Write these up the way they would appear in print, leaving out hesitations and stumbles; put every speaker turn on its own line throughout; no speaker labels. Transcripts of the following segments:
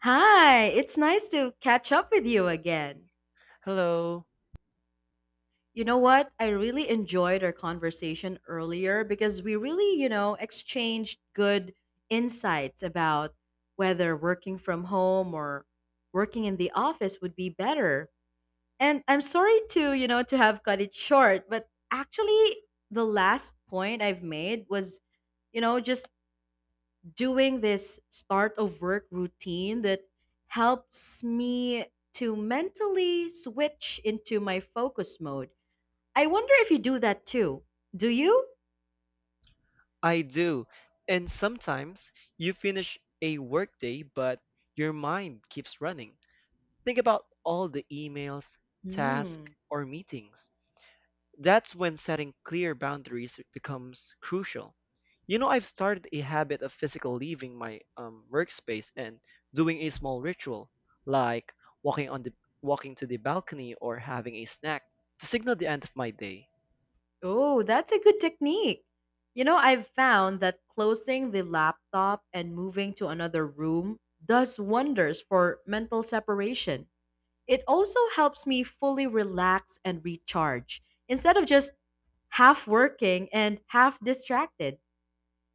Hi, it's nice to catch up with you again.
Hello.
You know what? I really enjoyed our conversation earlier because we really, exchanged good insights about whether working from home or working in the office would be better. And I'm sorry to have cut it short, but actually the last point I've made was, just doing this start of work routine that helps me to mentally switch into my focus mode. I wonder if you do that too. Do you?
I do. And sometimes you finish a workday, but your mind keeps running. Think about all the emails, tasks,
Hmm.
or meetings. That's when setting clear boundaries becomes crucial. You know, I've started a habit of physical leaving my workspace and doing a small ritual, like walking on the walking to the balcony or having a snack to signal the end of my day.
Oh, that's a good technique. I've found that closing the laptop and moving to another room does wonders for mental separation. It also helps me fully relax and recharge instead of just half working and half distracted.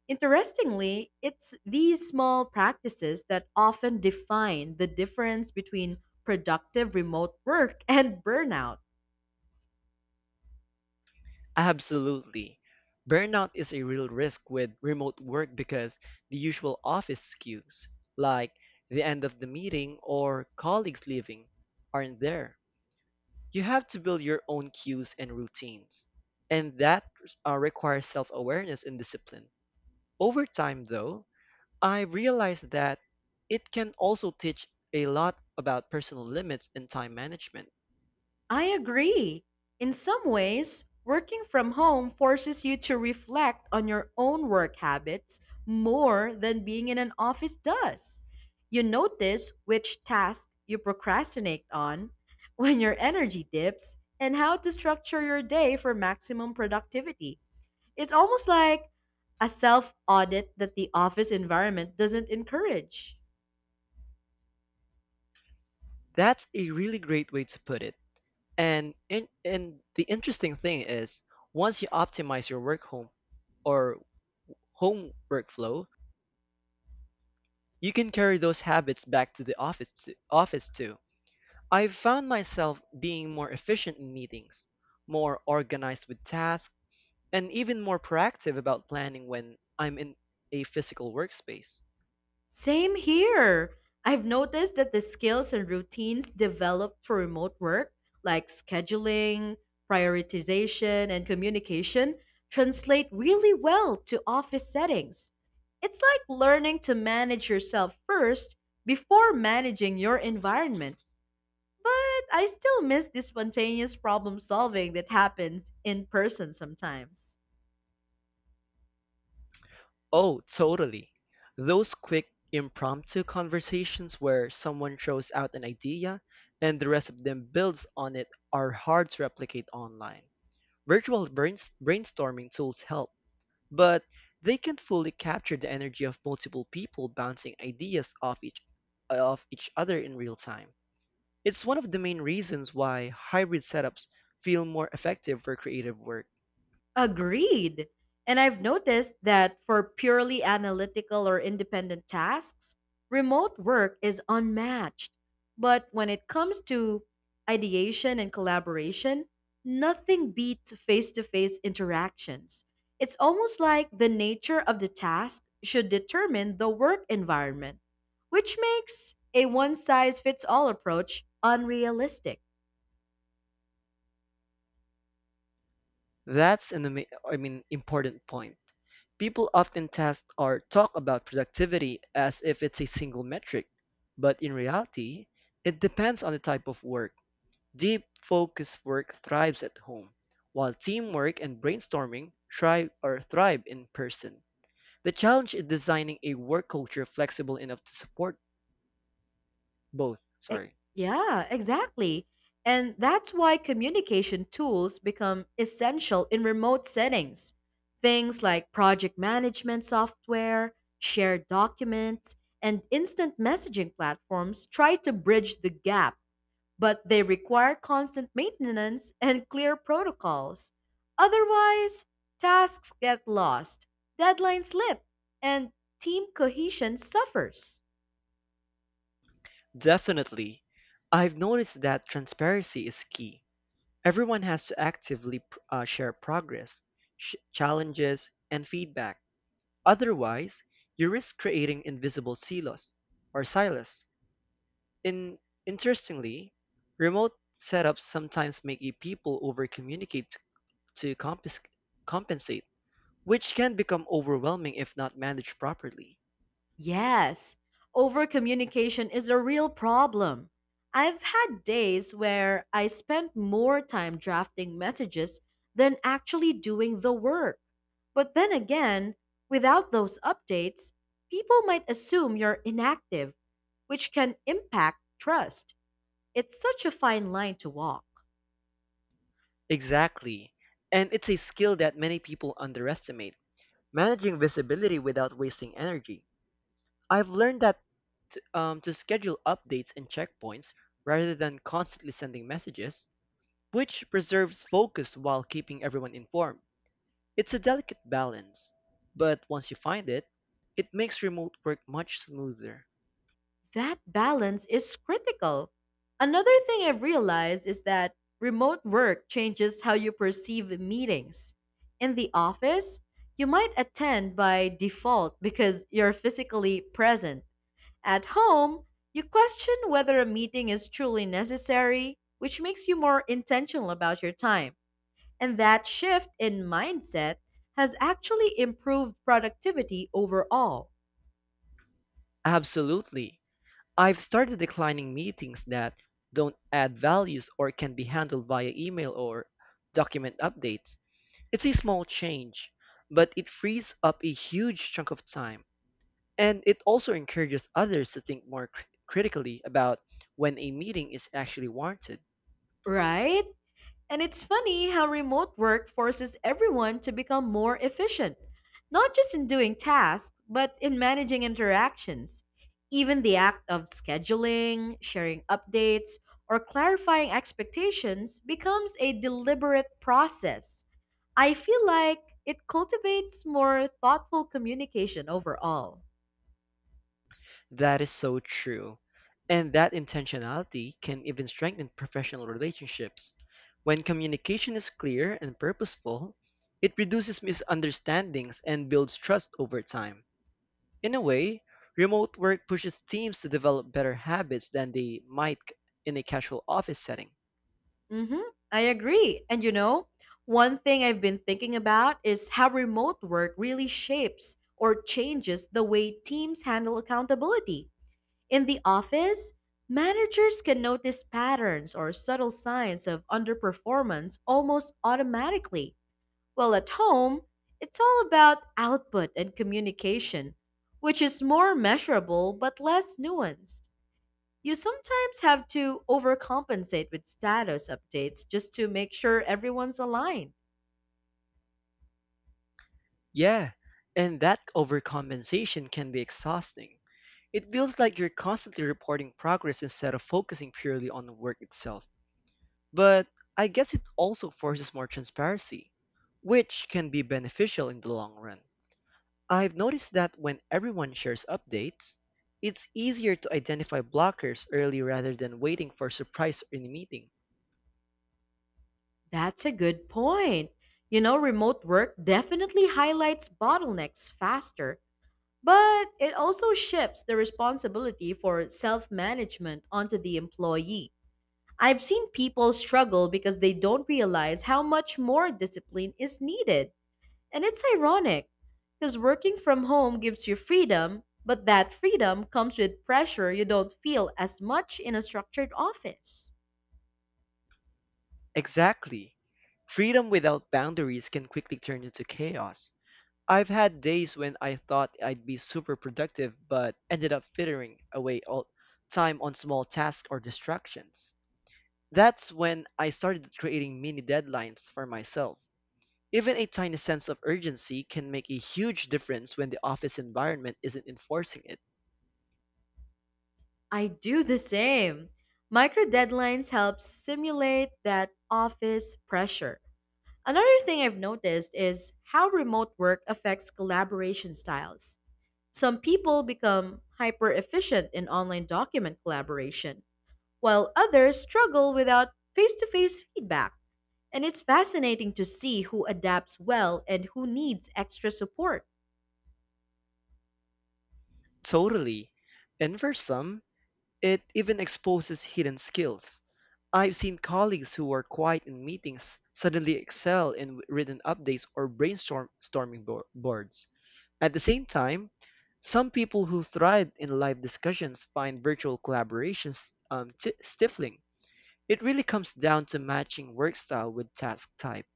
Interestingly, it's these small practices that often define the difference between productive remote work and burnout.
Absolutely. Burnout is a real risk with remote work because the usual office cues, like the end of the meeting or colleagues leaving, aren't there. You have to build your own cues and routines. And that requires self awareness and discipline. Over time, though, I realized that it can also teach a lot about personal limits and time management.
I agree. In some ways, working from home forces you to reflect on your own work habits more than being in an office does. You notice which tasks you procrastinate on, when your energy dips, and how to structure your day for maximum productivity. It's almost like a self audit that the office environment doesn't encourage.
That's a really great way to put it. And the interesting thing is, once you optimize your work home or home workflow, you can carry those habits back to the office too. I've found myself being more efficient in meetings, more organized with tasks, and even more proactive about planning when I'm in a physical workspace.
Same here. I've noticed that the skills and routines developed for remote work, like scheduling, prioritization, and communication, translate really well to office settings. It's like learning to manage yourself first before managing your environment. But I still miss the spontaneous problem solving that happens in person sometimes.
Oh, totally. Those quick, impromptu conversations where someone throws out an idea and the rest of them builds on it are hard to replicate online. Brainstorming tools help, but they can't fully capture the energy of multiple people bouncing ideas off each other in real time. It's one of the main reasons why hybrid setups feel more effective for creative work.
Agreed. And I've noticed that for purely analytical or independent tasks, remote work is unmatched. But when it comes to ideation and collaboration, nothing beats face to face interactions. It's almost like the nature of the task should determine the work environment, which makes a one size fits all approach unrealistic.
That's an important point. People often test or talk about productivity as if it's a single metric, but in reality, it depends on the type of work. Deep focus work thrives at home, while teamwork and brainstorming thrive in person. The challenge is designing a work culture flexible enough to support both.
E-
Sorry.
Yeah, exactly. And that's why communication tools become essential in remote settings. Things like project management software, shared documents, and instant messaging platforms try to bridge the gap, but they require constant maintenance and clear protocols. Otherwise, tasks get lost, deadlines slip, and team cohesion suffers.
Definitely. I've noticed that transparency is key. Everyone has to actively share progress, challenges, and feedback. Otherwise, you risk creating invisible silos. In Interestingly, remote setups sometimes make a people over-communicate to compensate, which can become overwhelming if not managed properly.
Yes, over communication is a real problem. I've had days where I spent more time drafting messages than actually doing the work. But then again, without those updates, people might assume you're inactive, which can impact trust. It's such a fine line to walk.
Exactly, and it's a skill that many people underestimate. Managing visibility without wasting energy. I've learned that to schedule updates and checkpoints rather than constantly sending messages, which preserves focus while keeping everyone informed. It's a delicate balance, but once you find it, it makes remote work much smoother.
That balance is critical. Another thing I've realized is that remote work changes how you perceive meetings. In the office, you might attend by default because you're physically present. At home, you question whether a meeting is truly necessary, which makes you more intentional about your time. And that shift in mindset has actually improved productivity overall,
Absolutely. I've started declining meetings that don't add values or can be handled via email or document updates. It's a small change, but it frees up a huge chunk of time. And it also encourages others to think more critically about when a meeting is actually warranted.
right? And it's funny how remote work forces everyone to become more efficient, not just in doing tasks, but in managing interactions. Even the act of scheduling, sharing updates, or clarifying expectations becomes a deliberate process. I feel like it cultivates more thoughtful communication overall.
That is so true. And that intentionality can even strengthen professional relationships. When communication is clear and purposeful, it reduces misunderstandings and builds trust over time. In a way, remote work pushes teams to develop better habits than they might in a casual office setting.
Mm-hmm. I agree. And one thing I've been thinking about is how remote work really shapes or changes the way teams handle accountability. In the office, managers can notice patterns or subtle signs of underperformance almost automatically. While at home, it's all about output and communication, which is more measurable but less nuanced. You sometimes have to overcompensate with status updates just to make sure everyone's aligned.
Yeah, and that overcompensation can be exhausting. It feels like you're constantly reporting progress instead of focusing purely on the work itself. But I guess it also forces more transparency, which can be beneficial in the long run. I've noticed that when everyone shares updates, it's easier to identify blockers early rather than waiting for surprise in a meeting.
That's a good point. Remote work definitely highlights bottlenecks faster, but it also shifts the responsibility for self management onto the employee. I've seen people struggle because they don't realize how much more discipline is needed. And it's ironic because working from home gives you freedom, but that freedom comes with pressure you don't feel as much in a structured office.
Exactly. Freedom without boundaries can quickly turn into chaos. I've had days when I thought I'd be super productive but ended up frittering away all time on small tasks or distractions. That's when I started creating mini deadlines for myself. Even a tiny sense of urgency can make a huge difference when the office environment isn't enforcing it.
I do the same. Micro deadlines help simulate that office pressure. Another thing I've noticed is how remote work affects collaboration styles. Some people become hyper efficient in online document collaboration, while others struggle without face to face feedback. And it's fascinating to see who adapts well and who needs extra support.
Totally. And for some, it even exposes hidden skills. I've seen colleagues who were quiet in meetings suddenly excel in written updates or brainstorming boards. At the same time, some people who thrive in live discussions find virtual collaborations ti stifling. It really comes down to matching work style with task type.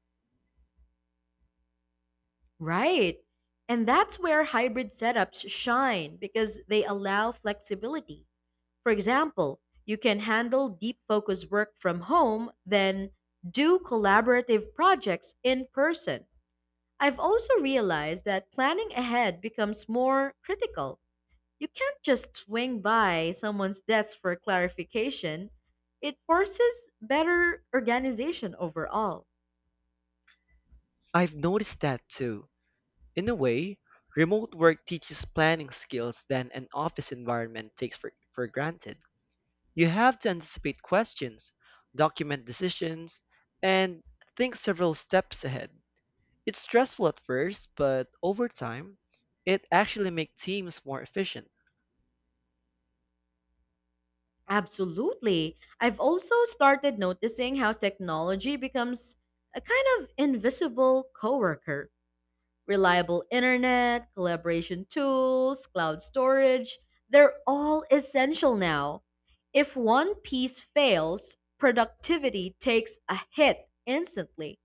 Right. And that's where hybrid setups shine because they allow flexibility. For example, you can handle deep focus work from home, then do collaborative projects in person. I've also realized that planning ahead becomes more critical. You can't just swing by someone's desk for clarification. It forces better organization overall.
I've noticed that too. In a way, remote work teaches planning skills that an office environment takes for granted. You have to anticipate questions, document decisions, and think several steps ahead. It's stressful at first, but over time, it actually makes teams more efficient.
Absolutely. I've also started noticing how technology becomes a kind of invisible coworker. Reliable internet, collaboration tools, cloud storage, they're all essential now. If one piece fails, productivity takes a hit instantly.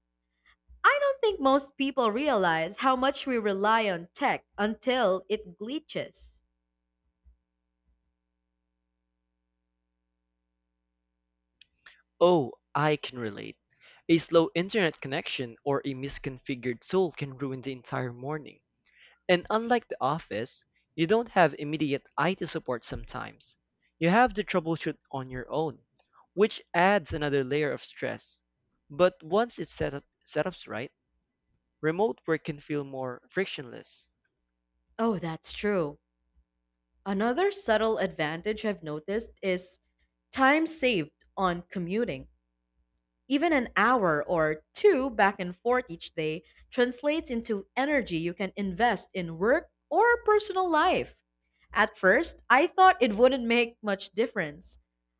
I don't think most people realize how much we rely on tech until it glitches.
Oh, I can relate. A slow internet connection or a misconfigured tool can ruin the entire morning. And unlike the office, you don't have immediate IT support sometimes. You have to troubleshoot on your own, which adds another layer of stress. But once setup's right, remote work can feel more frictionless.
Oh, that's true. Another subtle advantage I've noticed is time saved on commuting. Even an hour or two back and forth each day translates into energy you can invest in work or personal life. At first, I thought it wouldn't make much difference.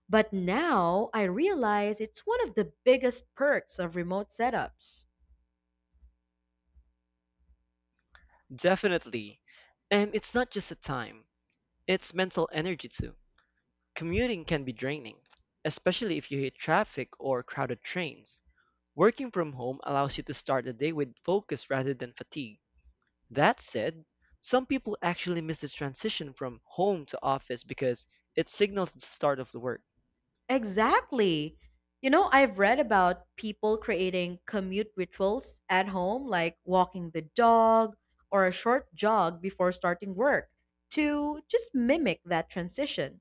But now I realize it's one of the biggest perks of remote setups.
Definitely. And it's not just the time, it's mental energy too. Commuting can be draining, especially if you hit traffic or crowded trains. Working from home allows you to start the day with focus rather than fatigue. That said, some people actually miss the transition from home to office because it signals the start of the work.
Exactly. I've read about people creating commute rituals at home, like walking the dog or a short jog before starting work, to just mimic that transition.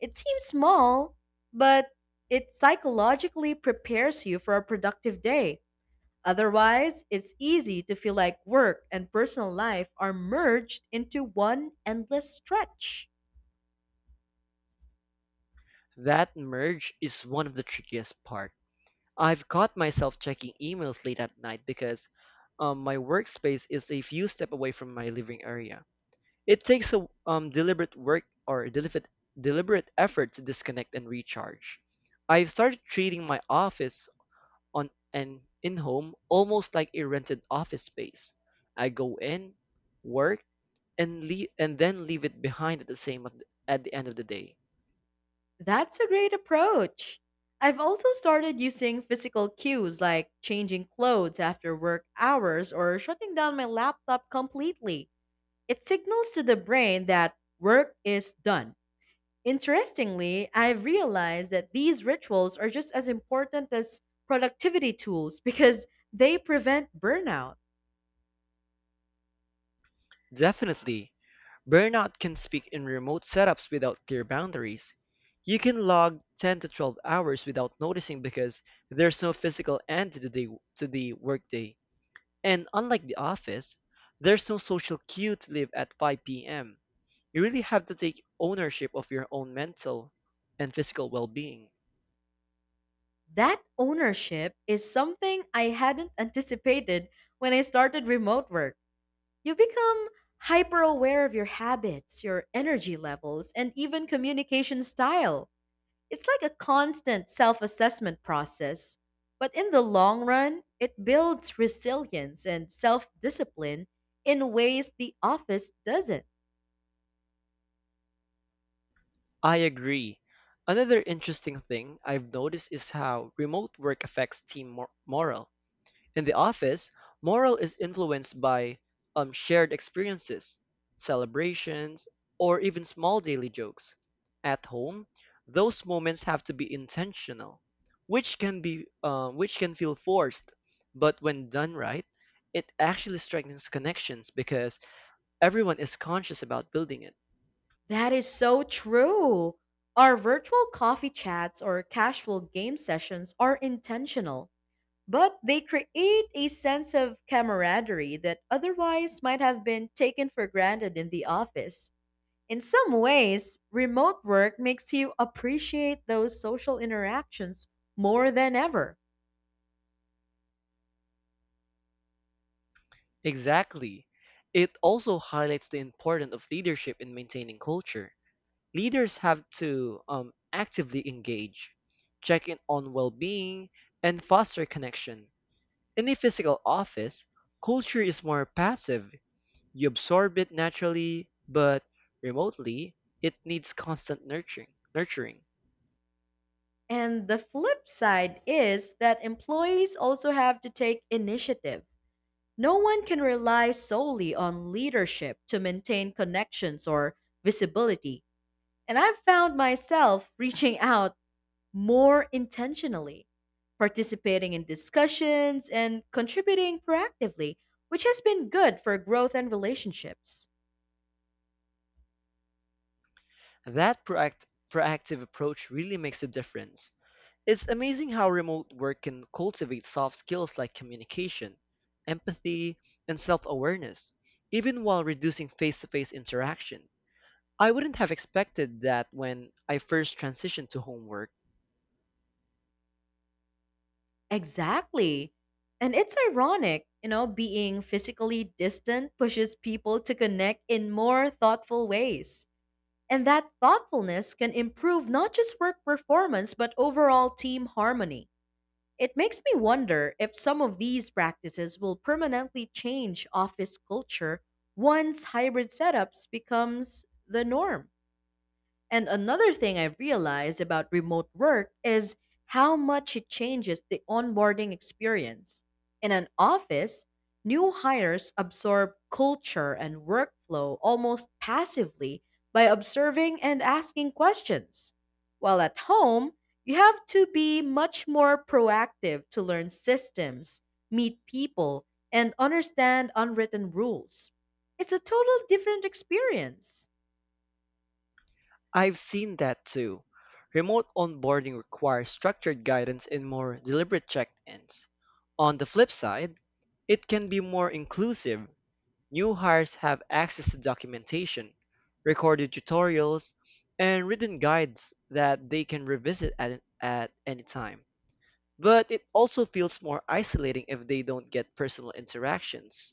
It seems small, but it psychologically prepares you for a productive day. Otherwise, it's easy to feel like work and personal life are merged into one endless stretch.
That merge is one of the trickiest part. I've caught myself checking emails late at night because my workspace is a few step away from my living area. It takes a deliberate work or deliberate deliberate effort to disconnect and recharge. I've started treating my office on an in-home almost like a rented office space. I go in, work, and leave, and then leave it behind at the end of the day.
That's a great approach. I've also started using physical cues like changing clothes after work hours or shutting down my laptop completely. It signals to the brain that work is done. Interestingly, I've realized that these rituals are just as important as productivity tools because they prevent burnout.
Definitely, burnout can speak in remote setups without clear boundaries. You can log 10 to 12 hours without noticing because there's no physical end to the workday. And unlike the office, there's no social cue to leave at 5 p.m. You really have to take ownership of your own mental and physical well being.
That ownership is something I hadn't anticipated when I started remote work. You become hyper aware of your habits, your energy levels, and even communication style. It's like a constant self assessment process. But in the long run, it builds resilience and self discipline in ways the office doesn't.
I agree. Another interesting thing I've noticed is how remote work affects team morale. In the office, morale is influenced by shared experiences, celebrations, or even small daily jokes. At home, those moments have to be intentional, which can be which can feel forced, but when done right, it actually strengthens connections because everyone is conscious about building it.
That is so true. Our virtual coffee chats or casual game sessions are intentional but they create a sense of camaraderie that otherwise might have been taken for granted in the office. In some ways, remote work makes you appreciate those social interactions more than ever.
Exactly. It also highlights the importance of leadership in maintaining culture. Leaders have to actively engage, check in on well being, and foster connection. In a physical office, culture is more passive. You absorb it naturally, but remotely, it needs constant nurturing.
And the flip side is that employees also have to take initiative. No one can rely solely on leadership to maintain connections or visibility. And I've found myself reaching out more intentionally, participating in discussions and contributing proactively, which has been good for growth and relationships.
That proactive approach really makes a difference. It's amazing how remote work can cultivate soft skills like communication, empathy, and self awareness, even while reducing face to face interaction. I wouldn't have expected that when I first transitioned to homework.
Exactly. And it's ironic, being physically distant pushes people to connect in more thoughtful ways. And that thoughtfulness can improve not just work performance, but overall team harmony. It makes me wonder if some of these practices will permanently change office culture once hybrid setups becomes the norm. And another thing I realized about remote work is how much it changes the onboarding experience. In an office, new hires absorb culture and workflow almost passively by observing and asking questions. While at home, you have to be much more proactive to learn systems, meet people, and understand unwritten rules. It's a total different experience.
I've seen that too. Remote onboarding requires structured guidance and more deliberate check ins. On the flip side, it can be more inclusive. New hires have access to documentation, recorded tutorials, and written guides that they can revisit at any time. But it also feels more isolating if they don't get personal interactions.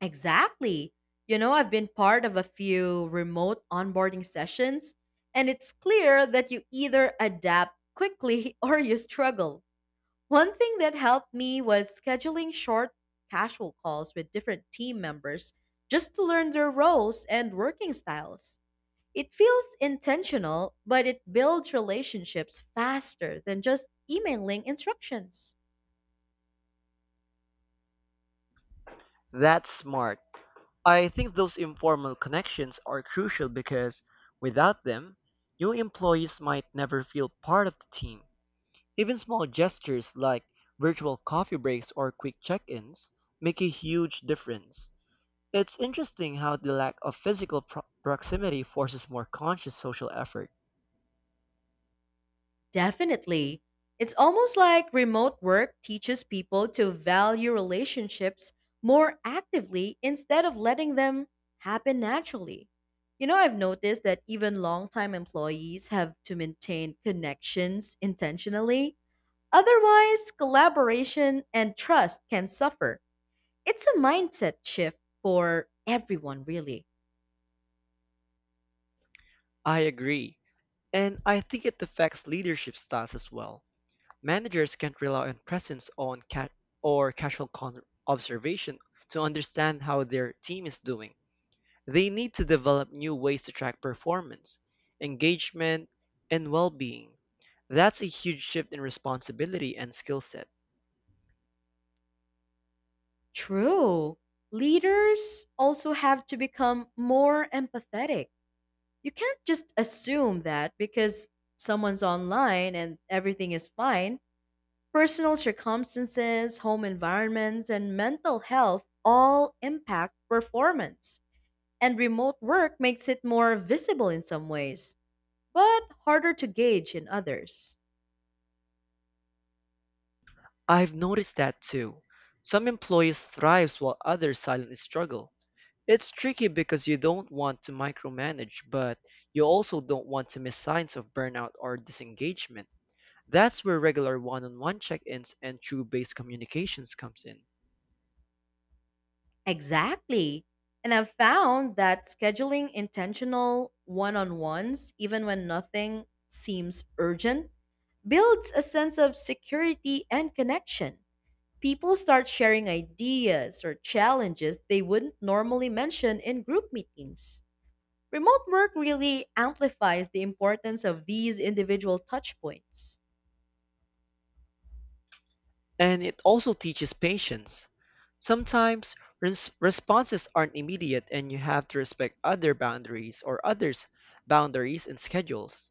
Exactly. I've been part of a few remote onboarding sessions, and it's clear that you either adapt quickly or you struggle. One thing that helped me was scheduling short, casual calls with different team members just to learn their roles and working styles. It feels intentional, but it builds relationships faster than just emailing instructions.
That's smart. I think those informal connections are crucial because without them, new employees might never feel part of the team. Even small gestures like virtual coffee breaks or quick check ins make a huge difference. It's interesting how the lack of physical proximity forces more conscious social effort.
Definitely. It's almost like remote work teaches people to value relationships more actively instead of letting them happen naturally. I've noticed that even longtime employees have to maintain connections intentionally. Otherwise, collaboration and trust can suffer. It's a mindset shift for everyone, really.
I agree. And I think it affects leadership styles as well. Managers can't rely on presence on ca- or casual observation to understand how their team is doing. They need to develop new ways to track performance, engagement, and well-being. That's a huge shift in responsibility and skill set.
True. Leaders also have to become more empathetic. You can't just assume that because someone's online and everything is fine. Personal circumstances, home environments, and mental health all impact performance. And remote work makes it more visible in some ways, but harder to gauge in others.
I've noticed that too. Some employees thrive while others silently struggle. It's tricky because you don't want to micromanage, but you also don't want to miss signs of burnout or disengagement. That's where regular one-on-one check-ins and true-based communications comes in.
Exactly. And I've found that scheduling intentional one on ones, even when nothing seems urgent, builds a sense of security and connection. People start sharing ideas or challenges they wouldn't normally mention in group meetings. Remote work really amplifies the importance of these individual touchpoints.
And it also teaches patience. Sometimes responses aren't immediate and you have to respect others' boundaries and schedules.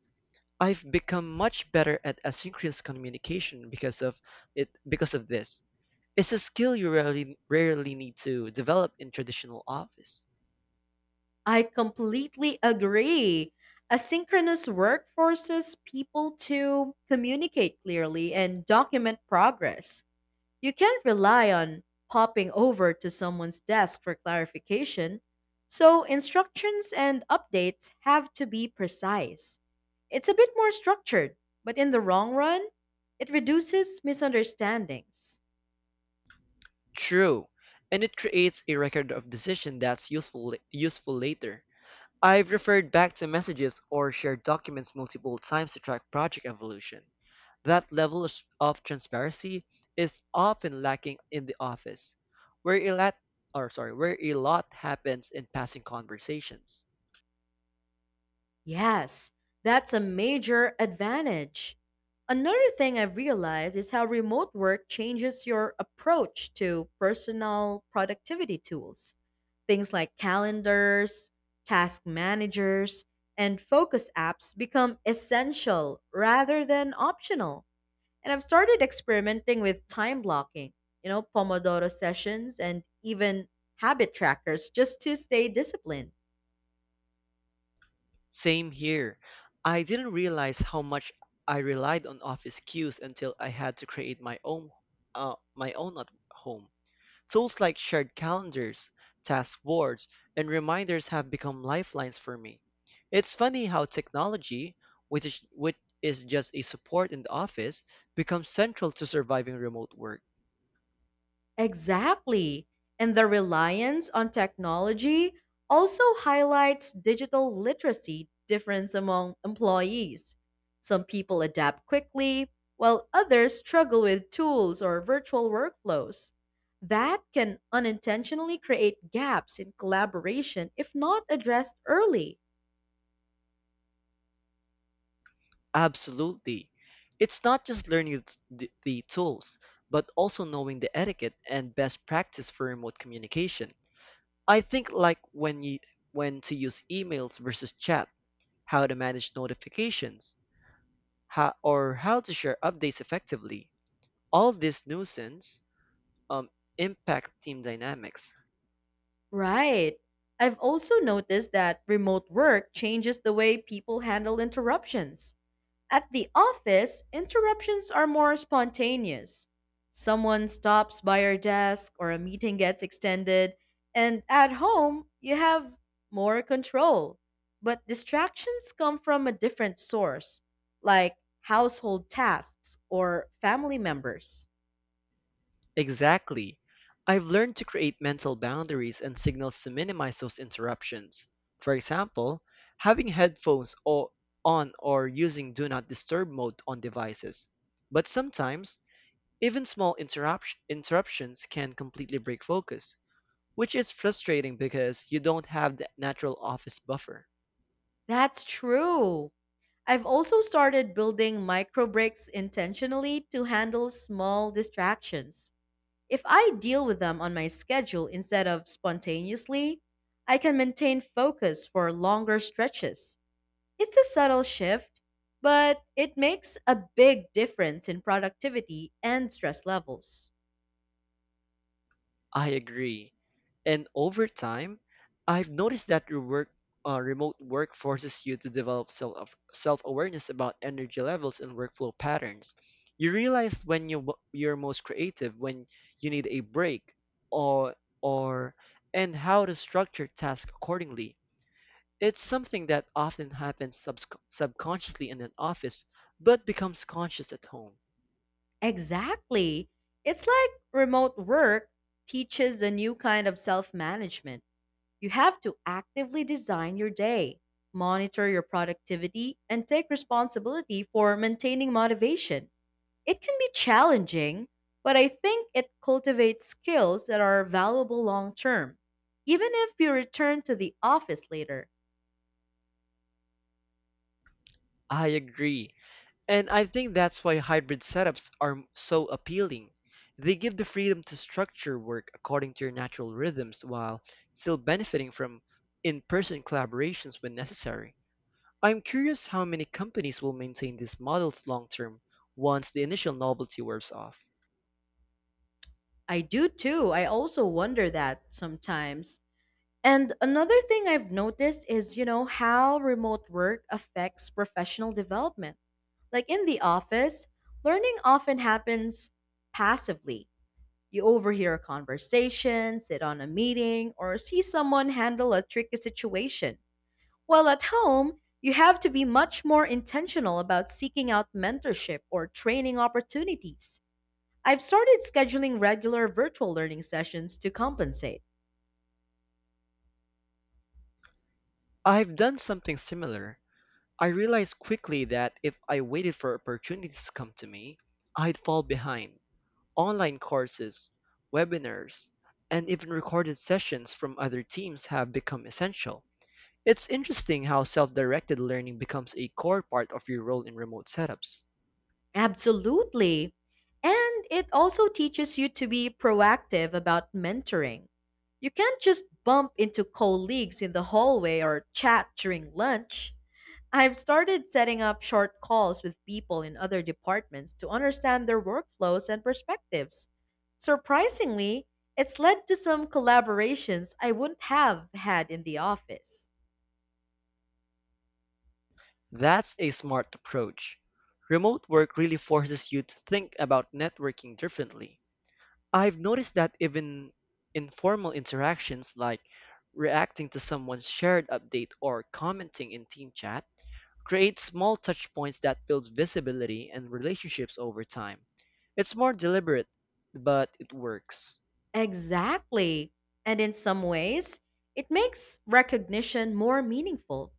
I've become much better at asynchronous communication because of this. It's a skill you rarely need to develop in traditional office.
I completely agree. Asynchronous work forces people to communicate clearly and document progress. You can't rely on popping over to someone's desk for clarification, so instructions and updates have to be precise. It's a bit more structured, but in the long run, it reduces misunderstandings.
True. And it creates a record of decision that's useful later. I've referred back to messages or shared documents multiple times to track project evolution. That level of transparency is often lacking in the office, where a lot or sorry, where a lot happens in passing conversations.
Yes, that's a major advantage. Another thing I've realized is how remote work changes your approach to personal productivity tools. Things like calendars, task managers, and focus apps become essential rather than optional. And I've started experimenting with time blocking, Pomodoro sessions and even habit trackers just to stay disciplined.
Same here. I didn't realize how much I relied on office cues until I had to create my own at home. Tools like shared calendars, task boards, and reminders have become lifelines for me. It's funny how technology, which is just a support in the office, becomes central to surviving remote work.
Exactly. And the reliance on technology also highlights digital literacy difference among employees. Some people adapt quickly, while others struggle with tools or virtual workflows. That can unintentionally create gaps in collaboration if not addressed early.
Absolutely. It's not just learning the tools, but also knowing the etiquette and best practice for remote communication. I think like when to use emails versus chat, how to manage notifications, or how to share updates effectively. All this nuisance um, impact team dynamics.
Right. I've also noticed that remote work changes the way people handle interruptions. At the office, interruptions are more spontaneous. Someone stops by your desk or a meeting gets extended, and at home, you have more control. But distractions come from a different source, like household tasks or family members.
Exactly. I've learned to create mental boundaries and signals to minimize those interruptions. For example, having on or using do not disturb mode on devices. But sometimes, even small interruptions can completely break focus, which is frustrating because you don't have that natural office buffer.
That's true. I've also started building micro breaks intentionally to handle small distractions. If I deal with them on my schedule instead of spontaneously, I can maintain focus for longer stretches. It's a subtle shift, but it makes a big difference in productivity and stress levels.
I agree. And over time, I've noticed that remote work forces you to develop self awareness about energy levels and workflow patterns. You realize when you're most creative, when you need a break, or or and how to structure tasks accordingly. It's something that often happens subconsciously in an office, but becomes conscious at home.
Exactly. It's like remote work teaches a new kind of self management. You have to actively design your day, monitor your productivity, and take responsibility for maintaining motivation. It can be challenging, but I think it cultivates skills that are valuable long term. Even if you return to the office later,
I agree. And I think that's why hybrid setups are so appealing. They give the freedom to structure work according to your natural rhythms while still benefiting from in person collaborations when necessary. I'm curious how many companies will maintain these models long term once the initial novelty wears off.
I do too. I also wonder that sometimes. And another thing I've noticed is, how remote work affects professional development. Like in the office, learning often happens passively. You overhear a conversation, sit on a meeting, or see someone handle a tricky situation. While at home, you have to be much more intentional about seeking out mentorship or training opportunities. I've started scheduling regular virtual learning sessions to compensate.
I've done something similar. I realized quickly that if I waited for opportunities to come to me, I'd fall behind. Online courses, webinars, and even recorded sessions from other teams have become essential. It's interesting how self-directed learning becomes a core part of your role in remote setups.
Absolutely. And it also teaches you to be proactive about mentoring. You can't just bump into colleagues in the hallway or chat during lunch. I've started setting up short calls with people in other departments to understand their workflows and perspectives. Surprisingly, it's led to some collaborations I wouldn't have had in the office.
That's a smart approach. Remote work really forces you to think about networking differently. I've noticed that even informal interactions like reacting to someone's shared update or commenting in team chat create small touchpoints that builds visibility and relationships over time. It's more deliberate, but it works.
Exactly. And in some ways, it makes recognition more meaningful.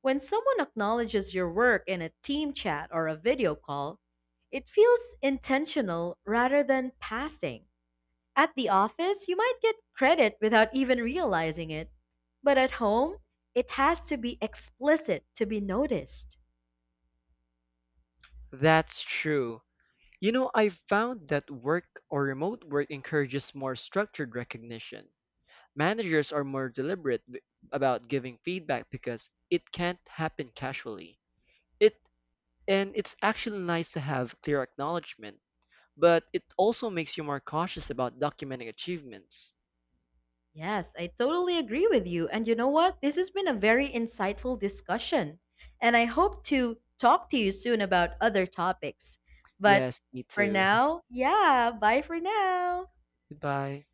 When someone acknowledges your work in a team chat or a video call, it feels intentional rather than passing. At the office, you might get credit without even realizing it. But at home, it has to be explicit to be noticed.
That's true. You know, I've found that work or remote work encourages more structured recognition. Managers are more deliberate about giving feedback because it can't happen casually. It it's actually nice to have clear acknowledgement, but it also makes you more cautious about documenting achievements.
Yes, I totally agree with you. And you know what? This has been a very insightful discussion. And I hope to talk to you soon about other topics. But
Yes, me
for
too.
now, yeah, bye for now.
Goodbye.